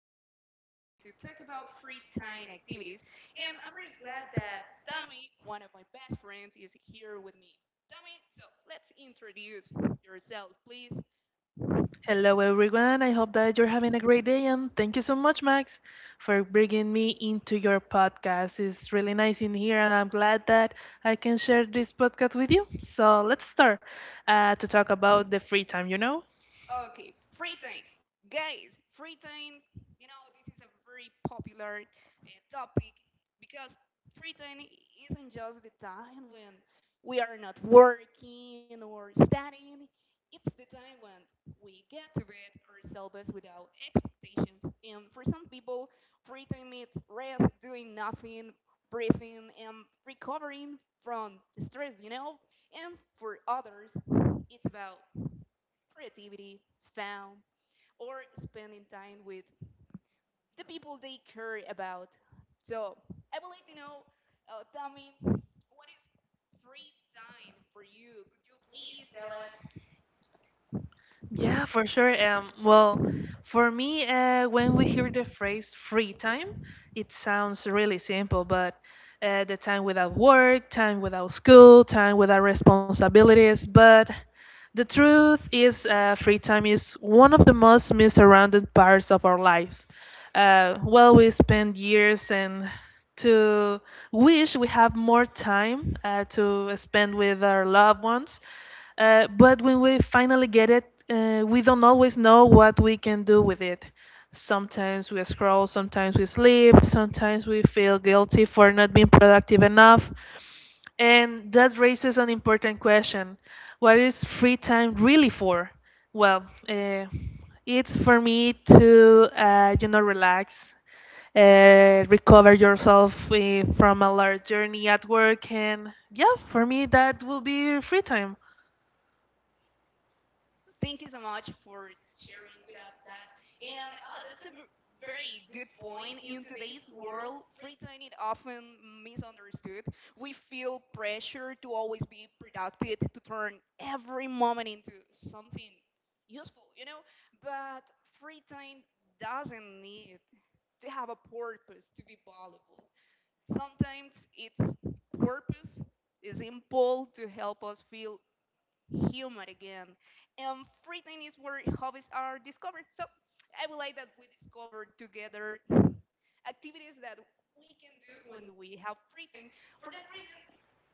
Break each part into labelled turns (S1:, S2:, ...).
S1: today.
S2: today.
S1: We
S2: We
S1: are
S2: are
S1: going
S2: going to
S1: to talk
S2: talk
S1: about
S2: about free
S1: free time
S2: time
S1: activities,
S2: activities,
S1: and
S2: and
S1: I'm
S2: I'm
S1: really
S2: really
S1: glad
S2: glad
S1: that
S2: that Dom.
S1: Tommy, one of my best friends, is here with me. Tommy, let's introduce yourself, please.
S2: Hello, everyone. I hope that you're having a great day, and thank you so much, Max, for bringing me into your podcast. It's really nice in here, and I'm glad that I can share this podcast with you. So let's start to talk about the free time. You know. Okay,
S1: Okay, free
S2: free
S1: time.
S2: time.
S1: Guys, free time, this is a very popular topic because free time isn't just the time when we are not working or studying, it's the time when we get to bed ourselves without expectations. And for some people, free time means rest, doing nothing, breathing, and recovering from stress. And for others, it's about creativity, fun, or spending time with the people they care about. So I would like to know, Tommy, what is free time for you? Could you
S2: Please
S1: please
S2: tell
S1: tell
S2: us.
S1: us?
S2: Yeah, for sure. Well, for me, when we hear the phrase free time, it sounds really simple, but the time without work, time without school, time without responsibilities. But the truth is, free time is one of the most missurrounded parts of our lives. Well, we spend years and to wish we have more time to spend with our loved ones, but when we finally get it, we don't always know what we can do with it. Sometimes we scroll, sometimes we sleep, sometimes we feel guilty for not being productive enough. And that raises an important question: what is free time really for? Well, it's for me to, you know, relax, recover yourself from a large journey at work. And yeah, for me, that will be free time. Thank you
S1: Thank you
S2: so
S1: so
S2: much
S1: much
S2: for
S1: for
S2: sharing
S1: sharing
S2: with
S1: with
S2: us
S1: us that.
S2: that. And
S1: And
S2: oh,
S1: that's
S2: that's
S1: a
S2: a very
S1: very
S2: good
S1: good
S2: point
S1: point. In
S2: in today's
S1: today's
S2: world,
S1: world,
S2: free
S1: free
S2: to
S1: time is often misunderstood. We feel pressure to always be productive, to turn every moment into something useful. But free time doesn't need to have a purpose to be valuable. Sometimes its purpose is simple to help us feel humor again. And free time is where hobbies are discovered. So I would like that we discover together activities that we can do
S2: do
S1: when
S2: when.
S1: we have free time.
S2: For
S1: For
S2: that
S1: that reason,
S2: reason,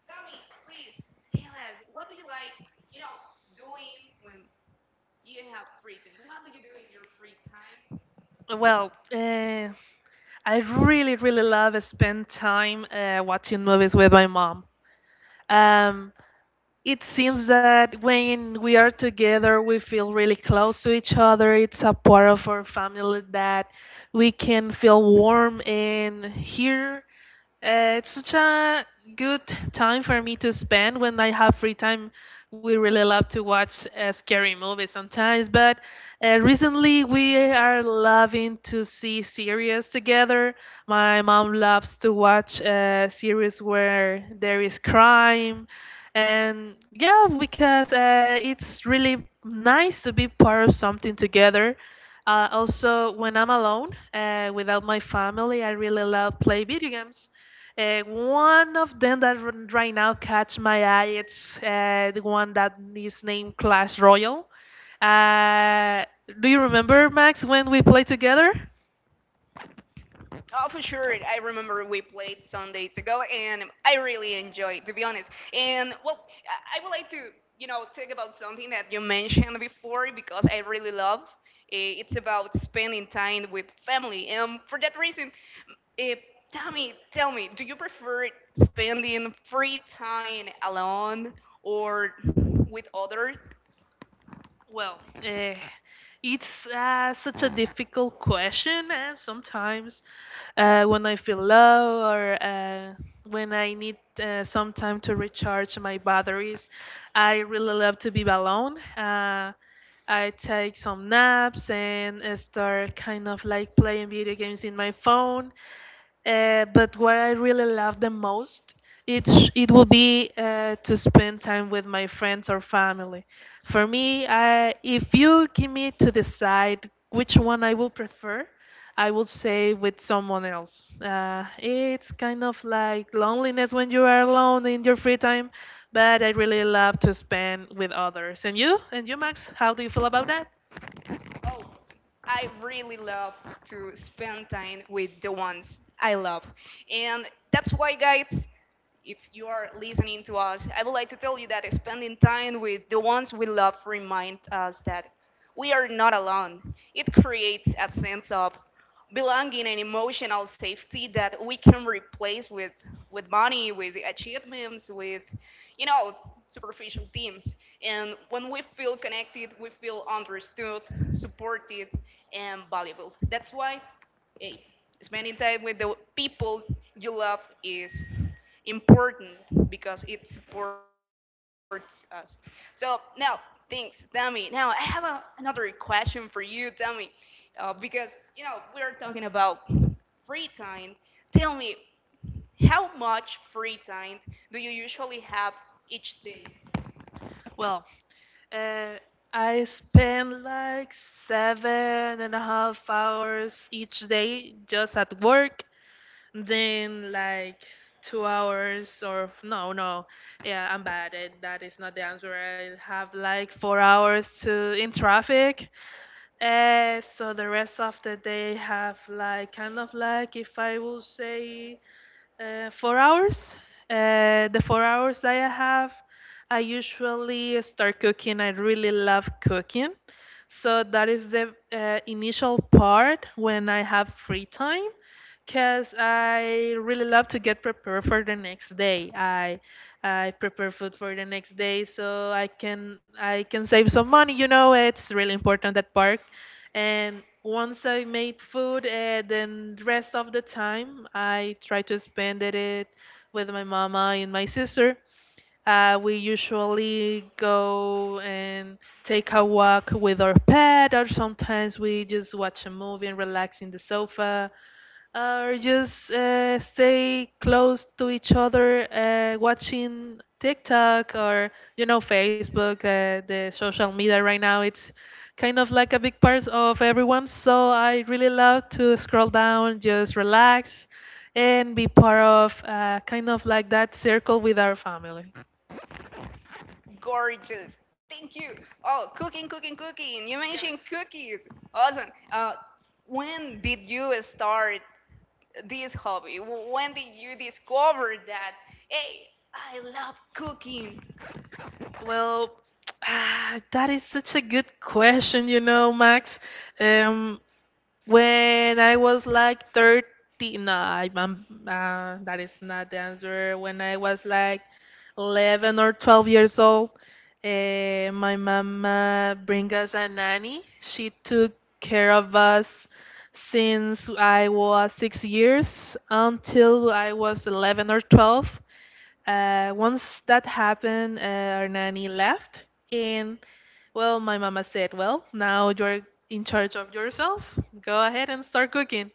S2: Tommy,
S1: Tommy,
S2: please
S1: please
S2: tell
S1: tell
S2: us,
S1: us
S2: what
S1: what
S2: do
S1: do
S2: you
S1: you like,
S2: like, you
S1: you know,
S2: know,
S1: doing
S2: doing when
S1: when
S2: you
S1: you
S2: have
S1: have
S2: free
S1: free time?
S2: time?
S1: What do
S2: What do
S1: you
S2: you
S1: do
S2: do in
S1: in
S2: your
S1: your
S2: free
S1: free time?
S2: time? Well, I really, really love spend time watching movies with my mom. Um, it seems that when we are together, we feel really close to each other. It's a part of our family that we can feel warm and here. It's such a good time for me to spend when I have free time. We really love to watch scary movies sometimes, but recently we are loving to see series together. My mom loves to watch series where there is crime, and yeah, because it's really nice to be part of something together. Also, when I'm alone, without my family, I really love play video games. One of them that right now catch my eye, it's the one that is named Clash Royale. Uh, do you remember, Max, when we played together? Oh, for sure. I remember we played some days ago, and I really enjoyed, to be honest. And well, I would like to, you know, talk about something that you mentioned before because I really love. Eh, it's about spending time with family, and for that reason, eh, Tommy, tell me, do you prefer spending free time alone or with others? Well, eh, it's such a difficult question, and sometimes when I feel low or when I need some time to recharge my batteries, I really love to be alone. I take some naps and start kind of like playing video games in my phone. But what I really love the most, it will be to spend time with my friends or family. For me, if you give me to decide which one I will prefer, I will say with someone else. It's kind of like loneliness when you are alone in your free time, but I really love to spend with others. And you, Max, how do you feel about that? Oh, I really love to spend time with the ones I love. And that's why, guys, if you are listening to us, I would like to tell you that spending time with the ones we love reminds us that we are not alone. It creates a sense of belonging and emotional safety that we can replace with money, with achievements, with you know superficial things. And when we feel connected, we feel understood, supported, and valuable. That's why eh, spending time with the people you love is important because it supports us. So now, thanks, Dami. Now I have a, another question for you, Dami, because you know we're talking about free time. Tell me, how much free time do you usually have each day? Well, uh, I spend like 7.5 hours each day just at work, then like 2 hours or no no yeah, I'm bad it, that is not the answer. I have like 4 hours to in traffic, so the rest of the day have like kind of like if I will say 4 hours. The 4 hours that I have, I usually start cooking. I really love cooking. So that is the initial part when I have free time because I really love to get prepared for the next day. I prepare food for the next day so I can save some money. You know, it's really important that part. And once I made food, then the rest of the time I try to spend it with my mama and my sister. We usually go and take a walk with our pet, or sometimes we just watch a movie and relax in the sofa or just stay close to each other watching TikTok or Facebook. The social media right now it's kind of like a big part of everyone, so I really love to scroll down, just relax and be part of kind of like that circle with our family. Gorgeous. Thank you. Oh, cooking. You mentioned cookies. Awesome. When did you start this hobby? When did you discover that, hey, I love cooking? Well, ah, that is such a good question, you know, Max. Um, when I was like 30, no, that is not the answer. When I was like 11 or 12 years old, my mama bring us a nanny. She took care of us since I was 6 years until I was 11 or 12. Once that happened, our nanny left, and well, my mama said, well, now you're in charge of yourself. Go ahead and start cooking,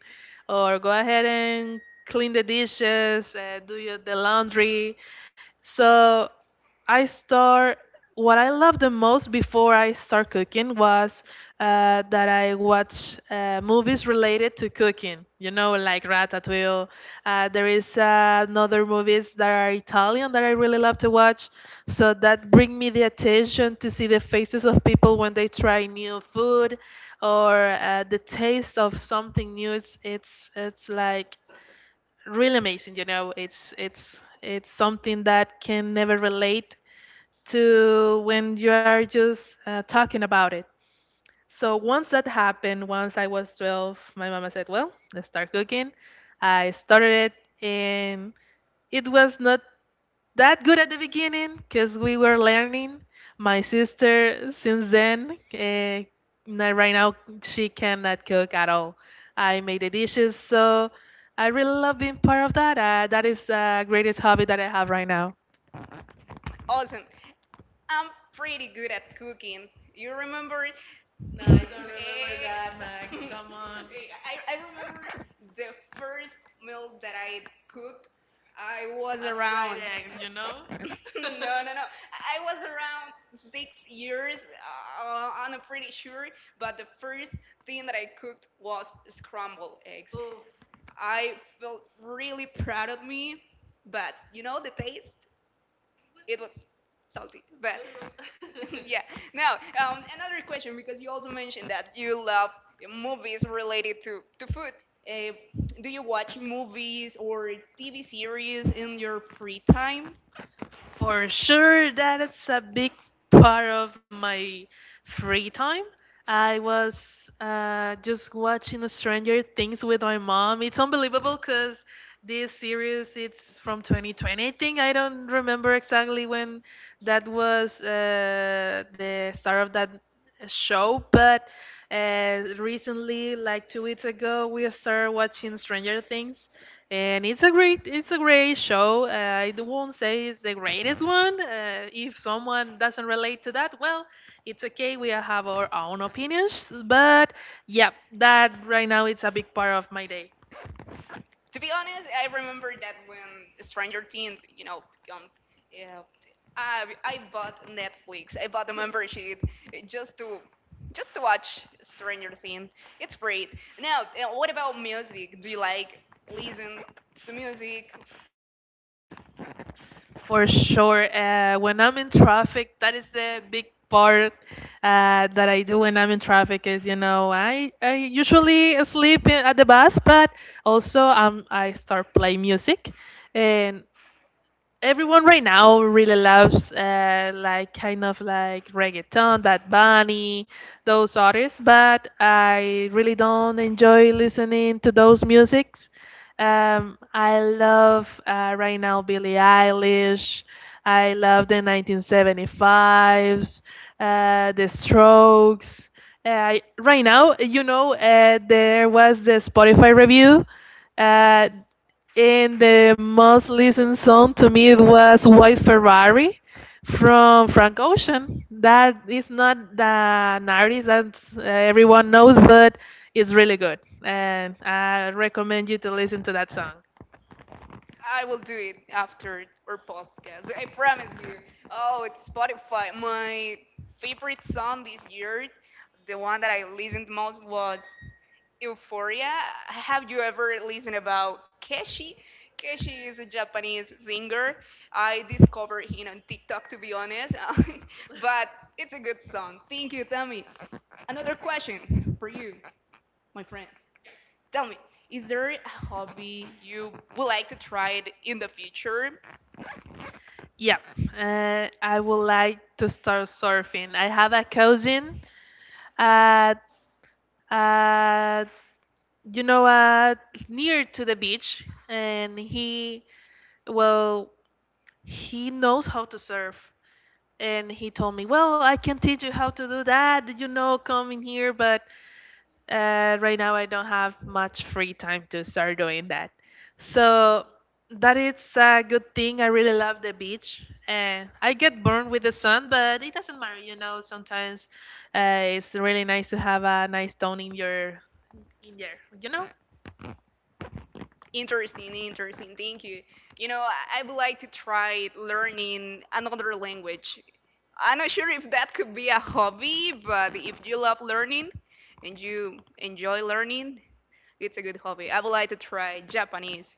S2: or go ahead and clean the dishes, do your, the laundry. So I start what I loved the most before I start cooking was that I watch movies related to cooking. You know, like Ratatouille. There is another movies that are Italian that I really love to watch. So that bring me the attention to see the faces of people when they try new food, or the taste of something new. It's like really amazing. You know, it's something that can never relate to when you are just talking about it. So once that happened, once I was 12, my mama said, well, let's start cooking. I started it and it was not that good at the beginning because we were learning. My sister, since then, right now she cannot cook at all. I made the dishes, so I really love being part of that. That is the greatest hobby that I have right now. Awesome. I'm pretty good at cooking. You remember? Nah, you don't remember. Eh, that, Max. Eh, come on. Eh, I remember the first meal that I cooked, I was a fried around. Egg, you know? No, no, no. I was around 6 years, I'm pretty sure, but the first thing that I cooked was scrambled eggs. Oof. I felt really proud of me, but you know the taste? It was salty, but yeah. Now, another question because you also mentioned that you love movies related to food. Uh, do you watch movies or TV series in your free time? For sure, that is a big part of my free time. I was just watching Stranger Things with my mom. It's unbelievable because this series it's from 2020. I think I don't remember exactly when that was the start of that show, but recently, like 2 weeks ago, we started watching Stranger Things and it's a great show. I won't say it's the greatest one. If someone doesn't relate to that, well, it's okay. We have our own opinions, but yeah, that right now it's a big part of my day, to be honest. I remember that when Stranger Things, you know, comes, yeah, I bought Netflix. I bought a membership just to just to watch Stranger Things. It's great. Now, what about music? Do you like listen to music? For sure. When I'm in traffic, that is the big part that I do when I'm in traffic is, I usually sleep in, at the bus, but also I start playing music. And everyone right now really loves like kind of like reggaeton, Bad Bunny, those artists, but I really don't enjoy listening to those musics. I love right now Billie Eilish. I love the 1975s, the Strokes. Right now, there was the Spotify review. Uh, and the most listened song to me was White Ferrari from Frank Ocean. That is not the an artist that everyone knows, but it's really good. And I recommend you to listen to that song. I will do it after our podcast. I promise you. Oh, it's Spotify. My favorite song this year, the one that I listened most was Euphoria. Have you ever listened about Keshi? Keshi is a Japanese singer. I discovered him on TikTok, to be honest, but it's a good song. Thank you, Tammy. Another question for you, my friend. Tell me, is there a hobby you would like to try it in the future? Yeah, I would like to start surfing. I have a cousin at at, you know what, near to the beach, and he, well, he knows how to surf, and he told me, well, I can teach you how to do that, come in here. But right now I don't have much free time to start doing that, so that is a good thing. I really love the beach, and I get burned with the sun, but it doesn't matter, sometimes it's really nice to have a nice tone in there. Interesting, interesting. Thank you. You know, I would like to try learning another language. I'm not sure if that could be a hobby, but if you love learning and you enjoy learning, it's a good hobby. I would like to try Japanese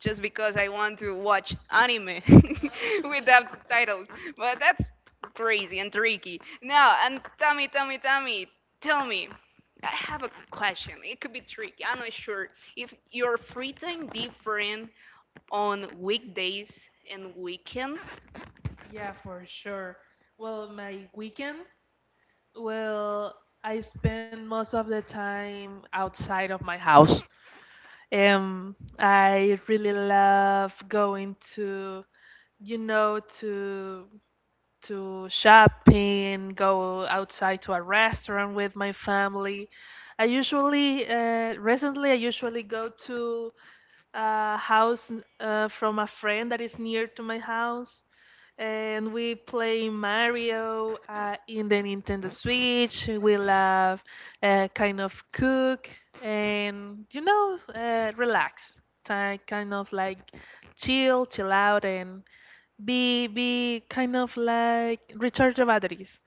S2: just because I want to watch anime without subtitles. But that's crazy and tricky. Now, and Tommy, Tommy, Tommy, tell me. I have a question. It could be tricky. I'm not sure if your free time different on weekdays and weekends. Yeah, for sure. Well, my weekend, well, I spend most of the time outside of my house. I really love going you know, to to shopping, go outside to a restaurant with my family. Recently, I usually go to a house from a friend that is near to my house, and we play Mario in the Nintendo Switch. We love kind of cook, and relax, kind of like chill out, and be kind of like recharge the batteries.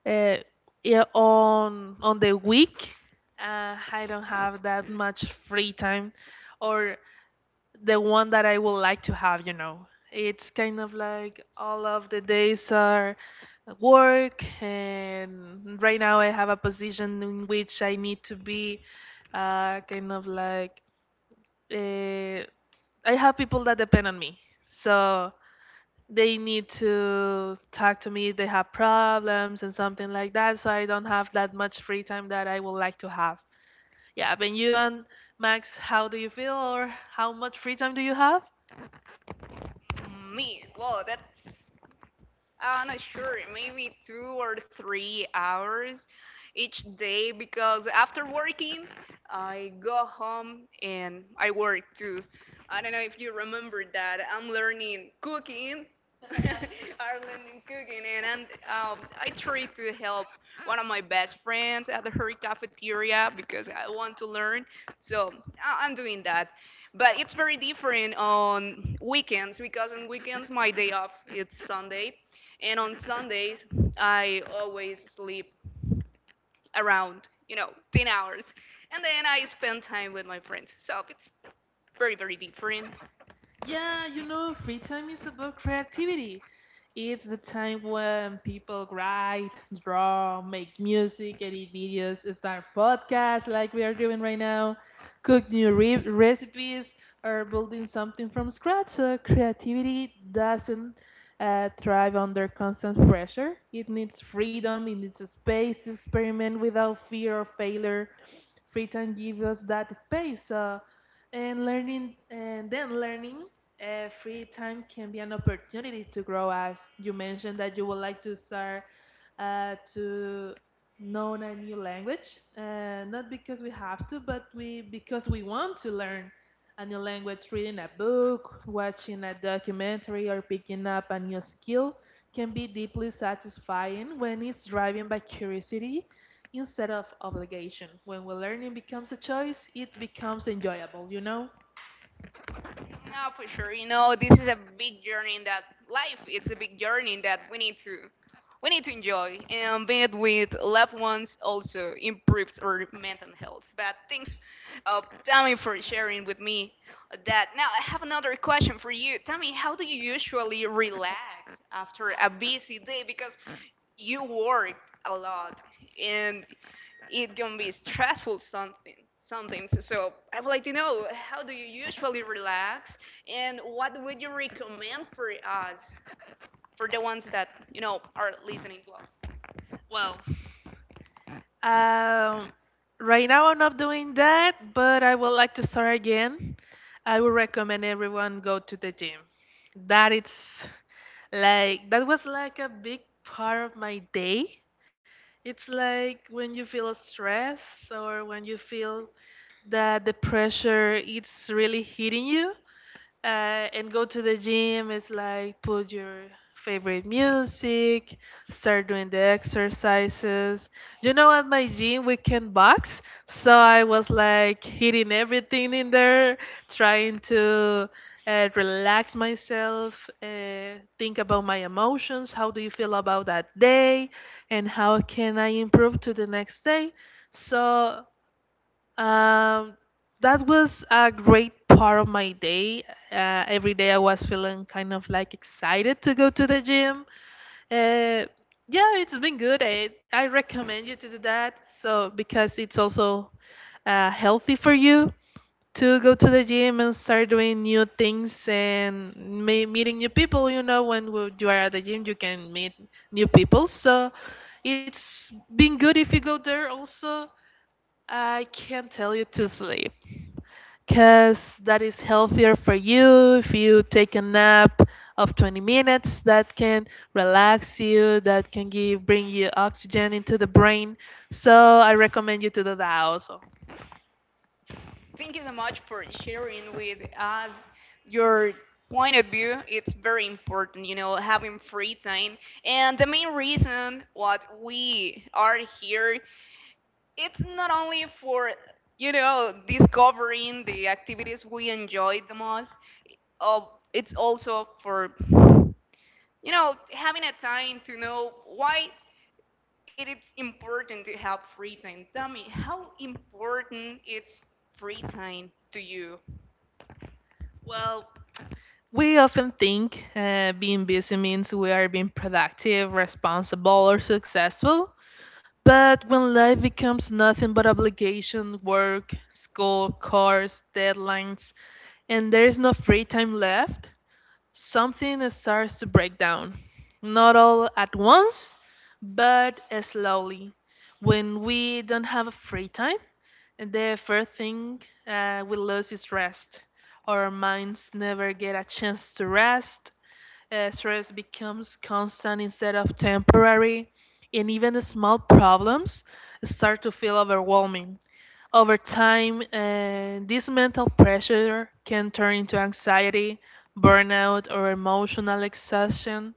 S2: Uh, yeah, on the week, I don't have that much free time, or the one that I would like to have. It's kind of like all of the days are work, and right now I have a position in which I need to be kind of like, uh, I have people that depend on me. So they need to talk to me if they have problems and something like that. So I don't have that much free time that I would like to have. Yeah, but you and Max, how do you feel, or how much free time do you have? Me? Whoa, that's I'm not sure, maybe 2 or 3 hours each day because after working, I go home and I work too. I don't know if you remember that I'm learning cooking. I'm learning cooking, and I try to help one of my best friends at her cafeteria because I want to learn. So I'm doing that, but it's very different on weekends because on weekends my day off it's Sunday, and on Sundays, I always sleep around, 10 hours. And then I spend time with my friends. So it's very, very different. Yeah, free time is about creativity. It's the time when people write, draw, make music, edit videos, start podcasts like we are doing right now, cook new recipes, or building something from scratch. So creativity doesn't thrive under constant pressure. It needs freedom, it needs a space to experiment without fear of failure. Free time gives us that space. And learning, and then learning free time can be an opportunity to grow, as you mentioned that you would like to start to know a new language, not because we have to, but we because we want to learn a new language. Reading a book, watching a documentary, or picking up a new skill can be deeply satisfying when it's driven by curiosity instead of obligation. When we learning becomes a choice, it becomes enjoyable. No, for sure. This is a big journey in that life. It's a big journey that we need to enjoy. And being it with loved ones also improves our mental health. But thanks, Tammy, for sharing with me that. Now I have another question for you, Tammy. How do you usually relax after a busy day? Because you work a lot, and it can be stressful something sometimes. So I would like to know how do you usually relax, and what would you recommend for us, for the ones that you know are listening to us? Well, um, right now I'm not doing that, but I would like to start again. I would recommend everyone go to the gym. That it's that was like a big part of my day. It's like when you feel stress or when you feel that the pressure it's really hitting you, uh, and go to the gym is like put your favorite music, start doing the exercises. At my gym, we can box, so I was like hitting everything in there, trying to relax myself, think about my emotions, how do you feel about that day and how can I improve to the next day. So um, that was a great part of my day. Every day I was feeling kind of like excited to go to the gym. Uh, yeah, it's been good. I recommend you to do that. So because it's also healthy for you to go to the gym and start doing new things and me meeting new people. When you are at the gym, you can meet new people. So it's been good if you go there. Also, I can't tell you to sleep because that is healthier for you. If you take a nap of 20 minutes, that can relax you, that can give bring you oxygen into the brain. So I recommend you to do that also. Thank you so much for sharing with us your point of view. It's very important, having free time. And the main reason what we are here, it's not only for, discovering the activities we enjoy the most, uh, it's also for having a time to know why it is important to have free time. Tell me, how important is free time to you? Well, we often think being busy means we are being productive, responsible, or successful. But when life becomes nothing but obligation, work, school, cars, deadlines, and there is no free time left, something starts to break down. Not all at once, but slowly. When we don't have free time, the first thing we lose is rest. Our minds never get a chance to rest. Stress becomes constant instead of temporary, and even the small problems start to feel overwhelming. Over time, this mental pressure can turn into anxiety, burnout, or emotional exhaustion.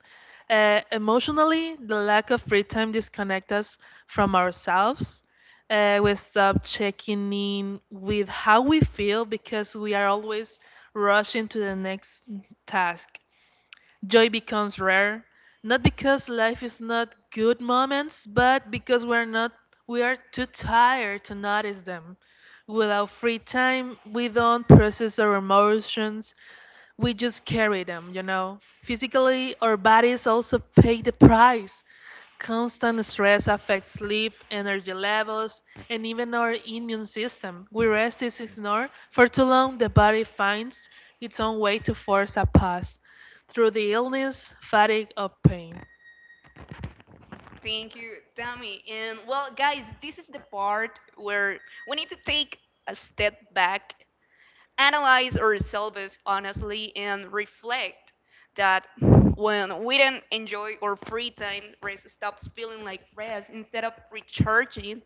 S2: Emotionally, the lack of free time disconnects us from ourselves. We stop checking in with how we feel because we are always rushing to the next task. Joy becomes rare, not because life is not good moments, but because we're not we are too tired to notice them. Without free time, we don't process our emotions, we just carry them. Physically, our bodies also pay the price. Constant stress affects sleep, energy levels, and even our immune system. We rest is ignored for too long, the body finds its own way to force a pass through the illness, fatigue, or pain. Thank you, Tammy. And well, guys, this is the part where we need to take a step back, analyze ourselves honestly, and reflect that when we don't enjoy our free time, rest stops feeling like rest. Instead of recharging,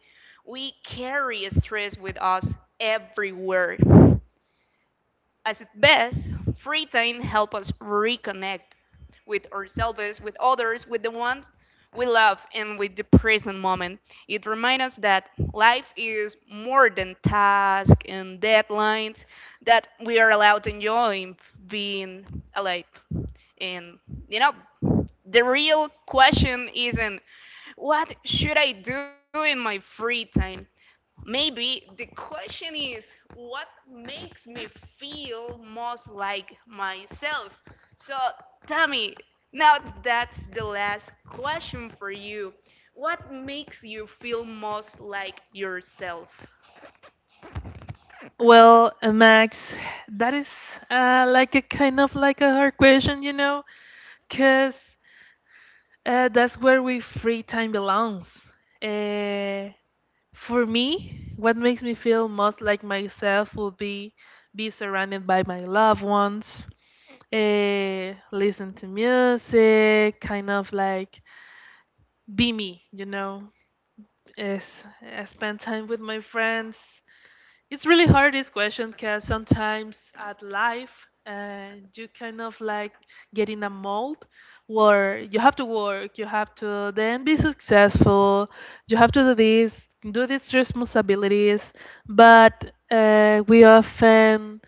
S2: we carry stress with us everywhere. As at best, free time helps us reconnect with ourselves, with others, with the ones we love, and with the present moment. It reminds us that life is more than tasks and deadlines, that we are allowed to enjoy being alive. And, you know, the real question isn't what should I do in my free time? Maybe the question is what makes me feel most like myself? So, Tommy, now that's the last question for you. What makes you feel most like yourself? Well, Max, that is like a kind of like a hard question, you know, because that's where we free time belongs. Uh, For me, what makes me feel most like myself would be surrounded by my loved ones, eh, listen to music, kind of like be me, you know. Is I spend time with my friends. It's really hard this question because sometimes at life you kind of like get in a mold where you have to work, you have to then be successful, you have to do this, do these responsibilities, but we often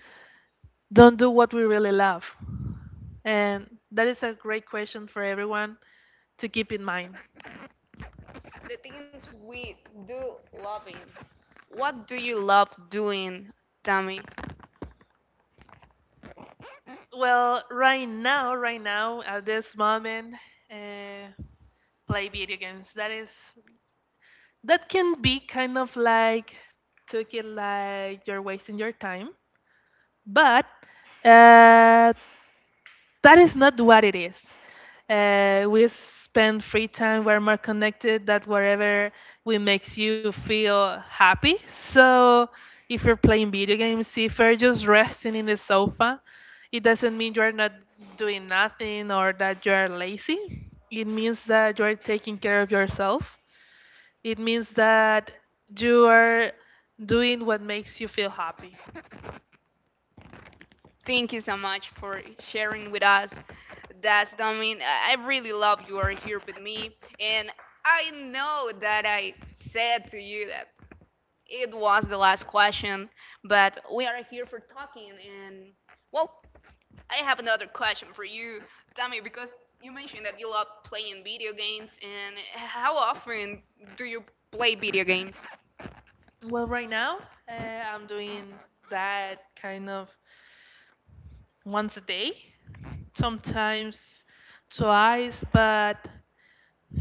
S2: don't do what we really love. And that is a great question for everyone to keep in mind. The things we do loving. What do you love doing, Tammy? Well, right now, right now, at this moment, uh, play video games. That is, that can be kind of like, took it like you're wasting your time, but uh, that is not what it is. We spend free time we're more connected, that whatever we makes you feel happy. So if you're playing video games, if you're just resting in the sofa, it doesn't mean you're not doing nothing or that you're lazy. It means that you're taking care of yourself. It means that you are doing what makes you feel happy. Thank you so much for sharing with us. That's Domin. I really love you are here with me. And I know that I said to you that it was the last question, but we are here for talking. And well, I have another question for you, Dami, because you mentioned that you love playing video games. And how often do you play video games? Well, right now, I'm doing that kind of once a day, sometimes twice, but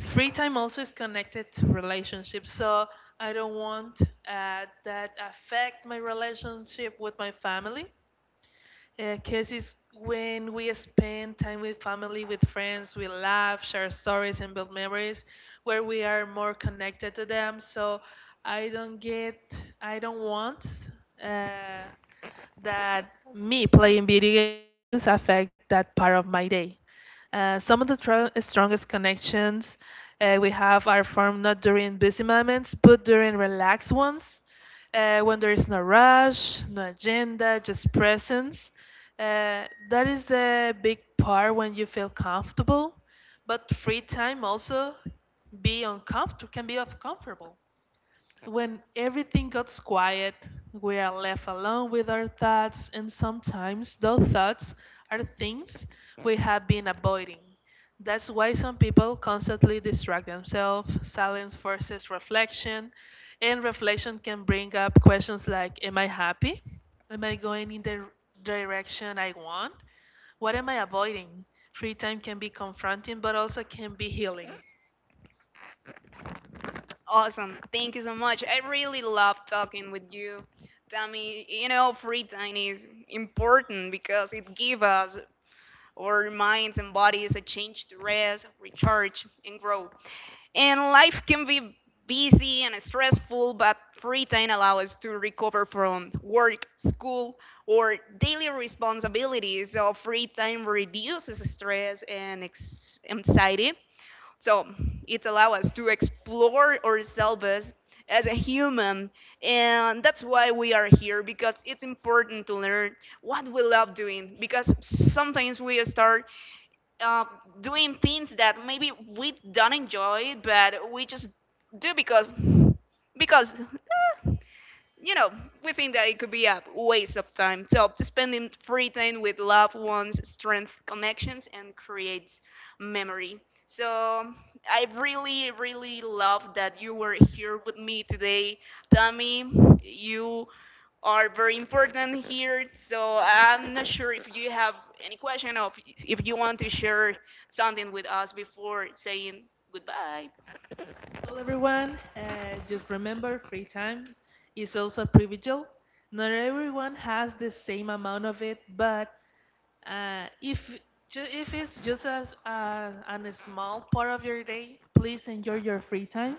S2: free time also is connected to relationships. So I don't want that affect my relationship with my family. Because it's when we spend time with family, with friends, we laugh, share stories, and build memories where we are more connected to them. So I don't get, I don't want uh, that me playing video games affect that part of my day. Some of the strongest connections we have are formed not during busy moments, but during relaxed ones, when there is no rush, no agenda, just presence. Uh, that is the big part when you feel comfortable, but free time also be uncomfortable can be uncomfortable. When everything gets quiet, we are left alone with our thoughts, and sometimes those thoughts are things we have been avoiding. That's why some people constantly distract themselves. Silence forces reflection, and reflection can bring up questions like, am I happy? Am I going in the direction I want? What am I avoiding? Free time can be confronting, but also can be healing. Awesome. Thank you so much. I really love talking with you. Tammy, you know, free time is important because it gives us our minds and bodies a chance to rest, recharge, and grow. And life can be busy and stressful, but free time allows us to recover from work, school, or daily responsibilities. So free time reduces stress and anxiety, so it allows us to explore ourselves as a human, and that's why we are here, because it's important to learn what we love doing. Because sometimes we start uh, doing things that maybe we don't enjoy, but we just do because eh, you know, we think that it could be a waste of time. So, to spending free time with loved ones, strength connections, and create memory. So, I really, really love that you were here with me today, Tommy. You are very important here. So, I'm not sure if you have any question or if you want to share something with us before saying goodbye. Well, everyone, just remember free time is also a privilege. Not everyone has the same amount of it, but uh, if if it's just as an a small part of your day, please enjoy your free time.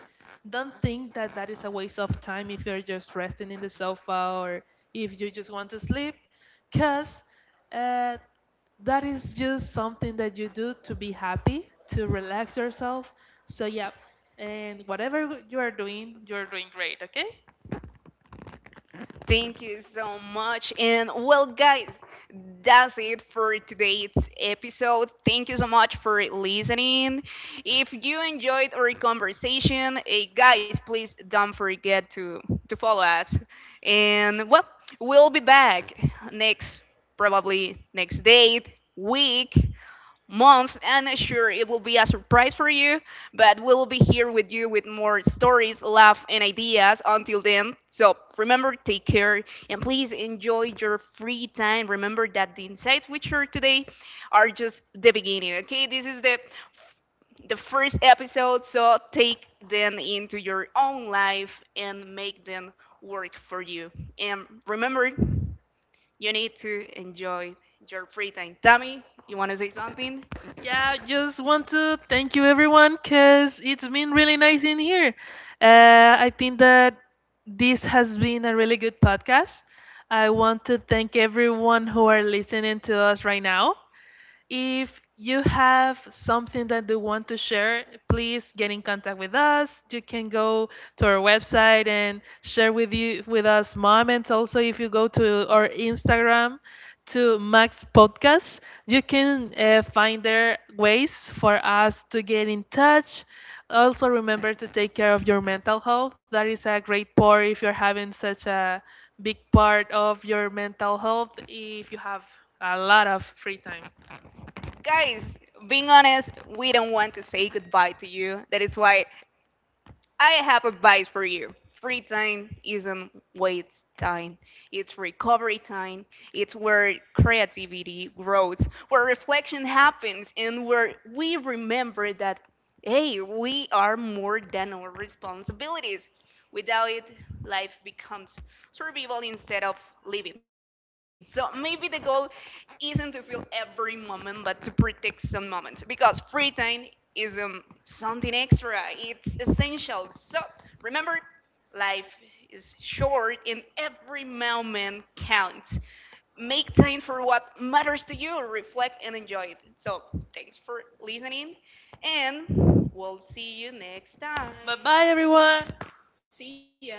S2: Don't think that that is a waste of time if you're just resting in the sofa or if you just want to sleep, because that is just something that you do to be happy, to relax yourself. So, yeah, and whatever you are doing, you're doing great, okay? Thank you so much. And well, guys, that's it for today's episode. Thank you so much for listening. If you enjoyed our conversation, eh, guys, please don't forget to follow us. And well, we'll be back next, probably next date, week, month, and sure it will be a surprise for you, but we will be here with you with more stories, laugh, and ideas. Until then, so remember, take care and please enjoy your free time. Remember that the insights we share today are just the beginning, okay? This is the first episode, so take them into your own life and make them work for you, and remember you need to enjoy your free time. Tammy, you want to say something? Yeah, just want to thank you everyone because it's been really nice in here. I think that this has been a really good podcast. I want to thank everyone who are listening to us right now. If you have something that you want to share, please get in contact with us. You can go to our website and share with you with us moments. Also, if you go to our Instagram to Max Podcast, you can find there ways for us to get in touch. Also, remember to take care of your mental health. That is a great part if you're having such a big part of your mental health. If you have a lot of free time. Guys, being honest, we don't want to say goodbye to you. That is why I have advice for you. Free time isn't waste time. It's recovery time. It's where creativity grows, where reflection happens, and where we remember that, hey, we are more than our responsibilities. Without it, life becomes survival instead of living. So maybe the goal isn't to feel every moment, but to protect some moments, because free time is something extra. It's essential. So remember, life is short and every moment counts. Make time for what matters to you, reflect and enjoy it. So thanks for listening, and we'll see you next time. Bye bye, everyone. See ya.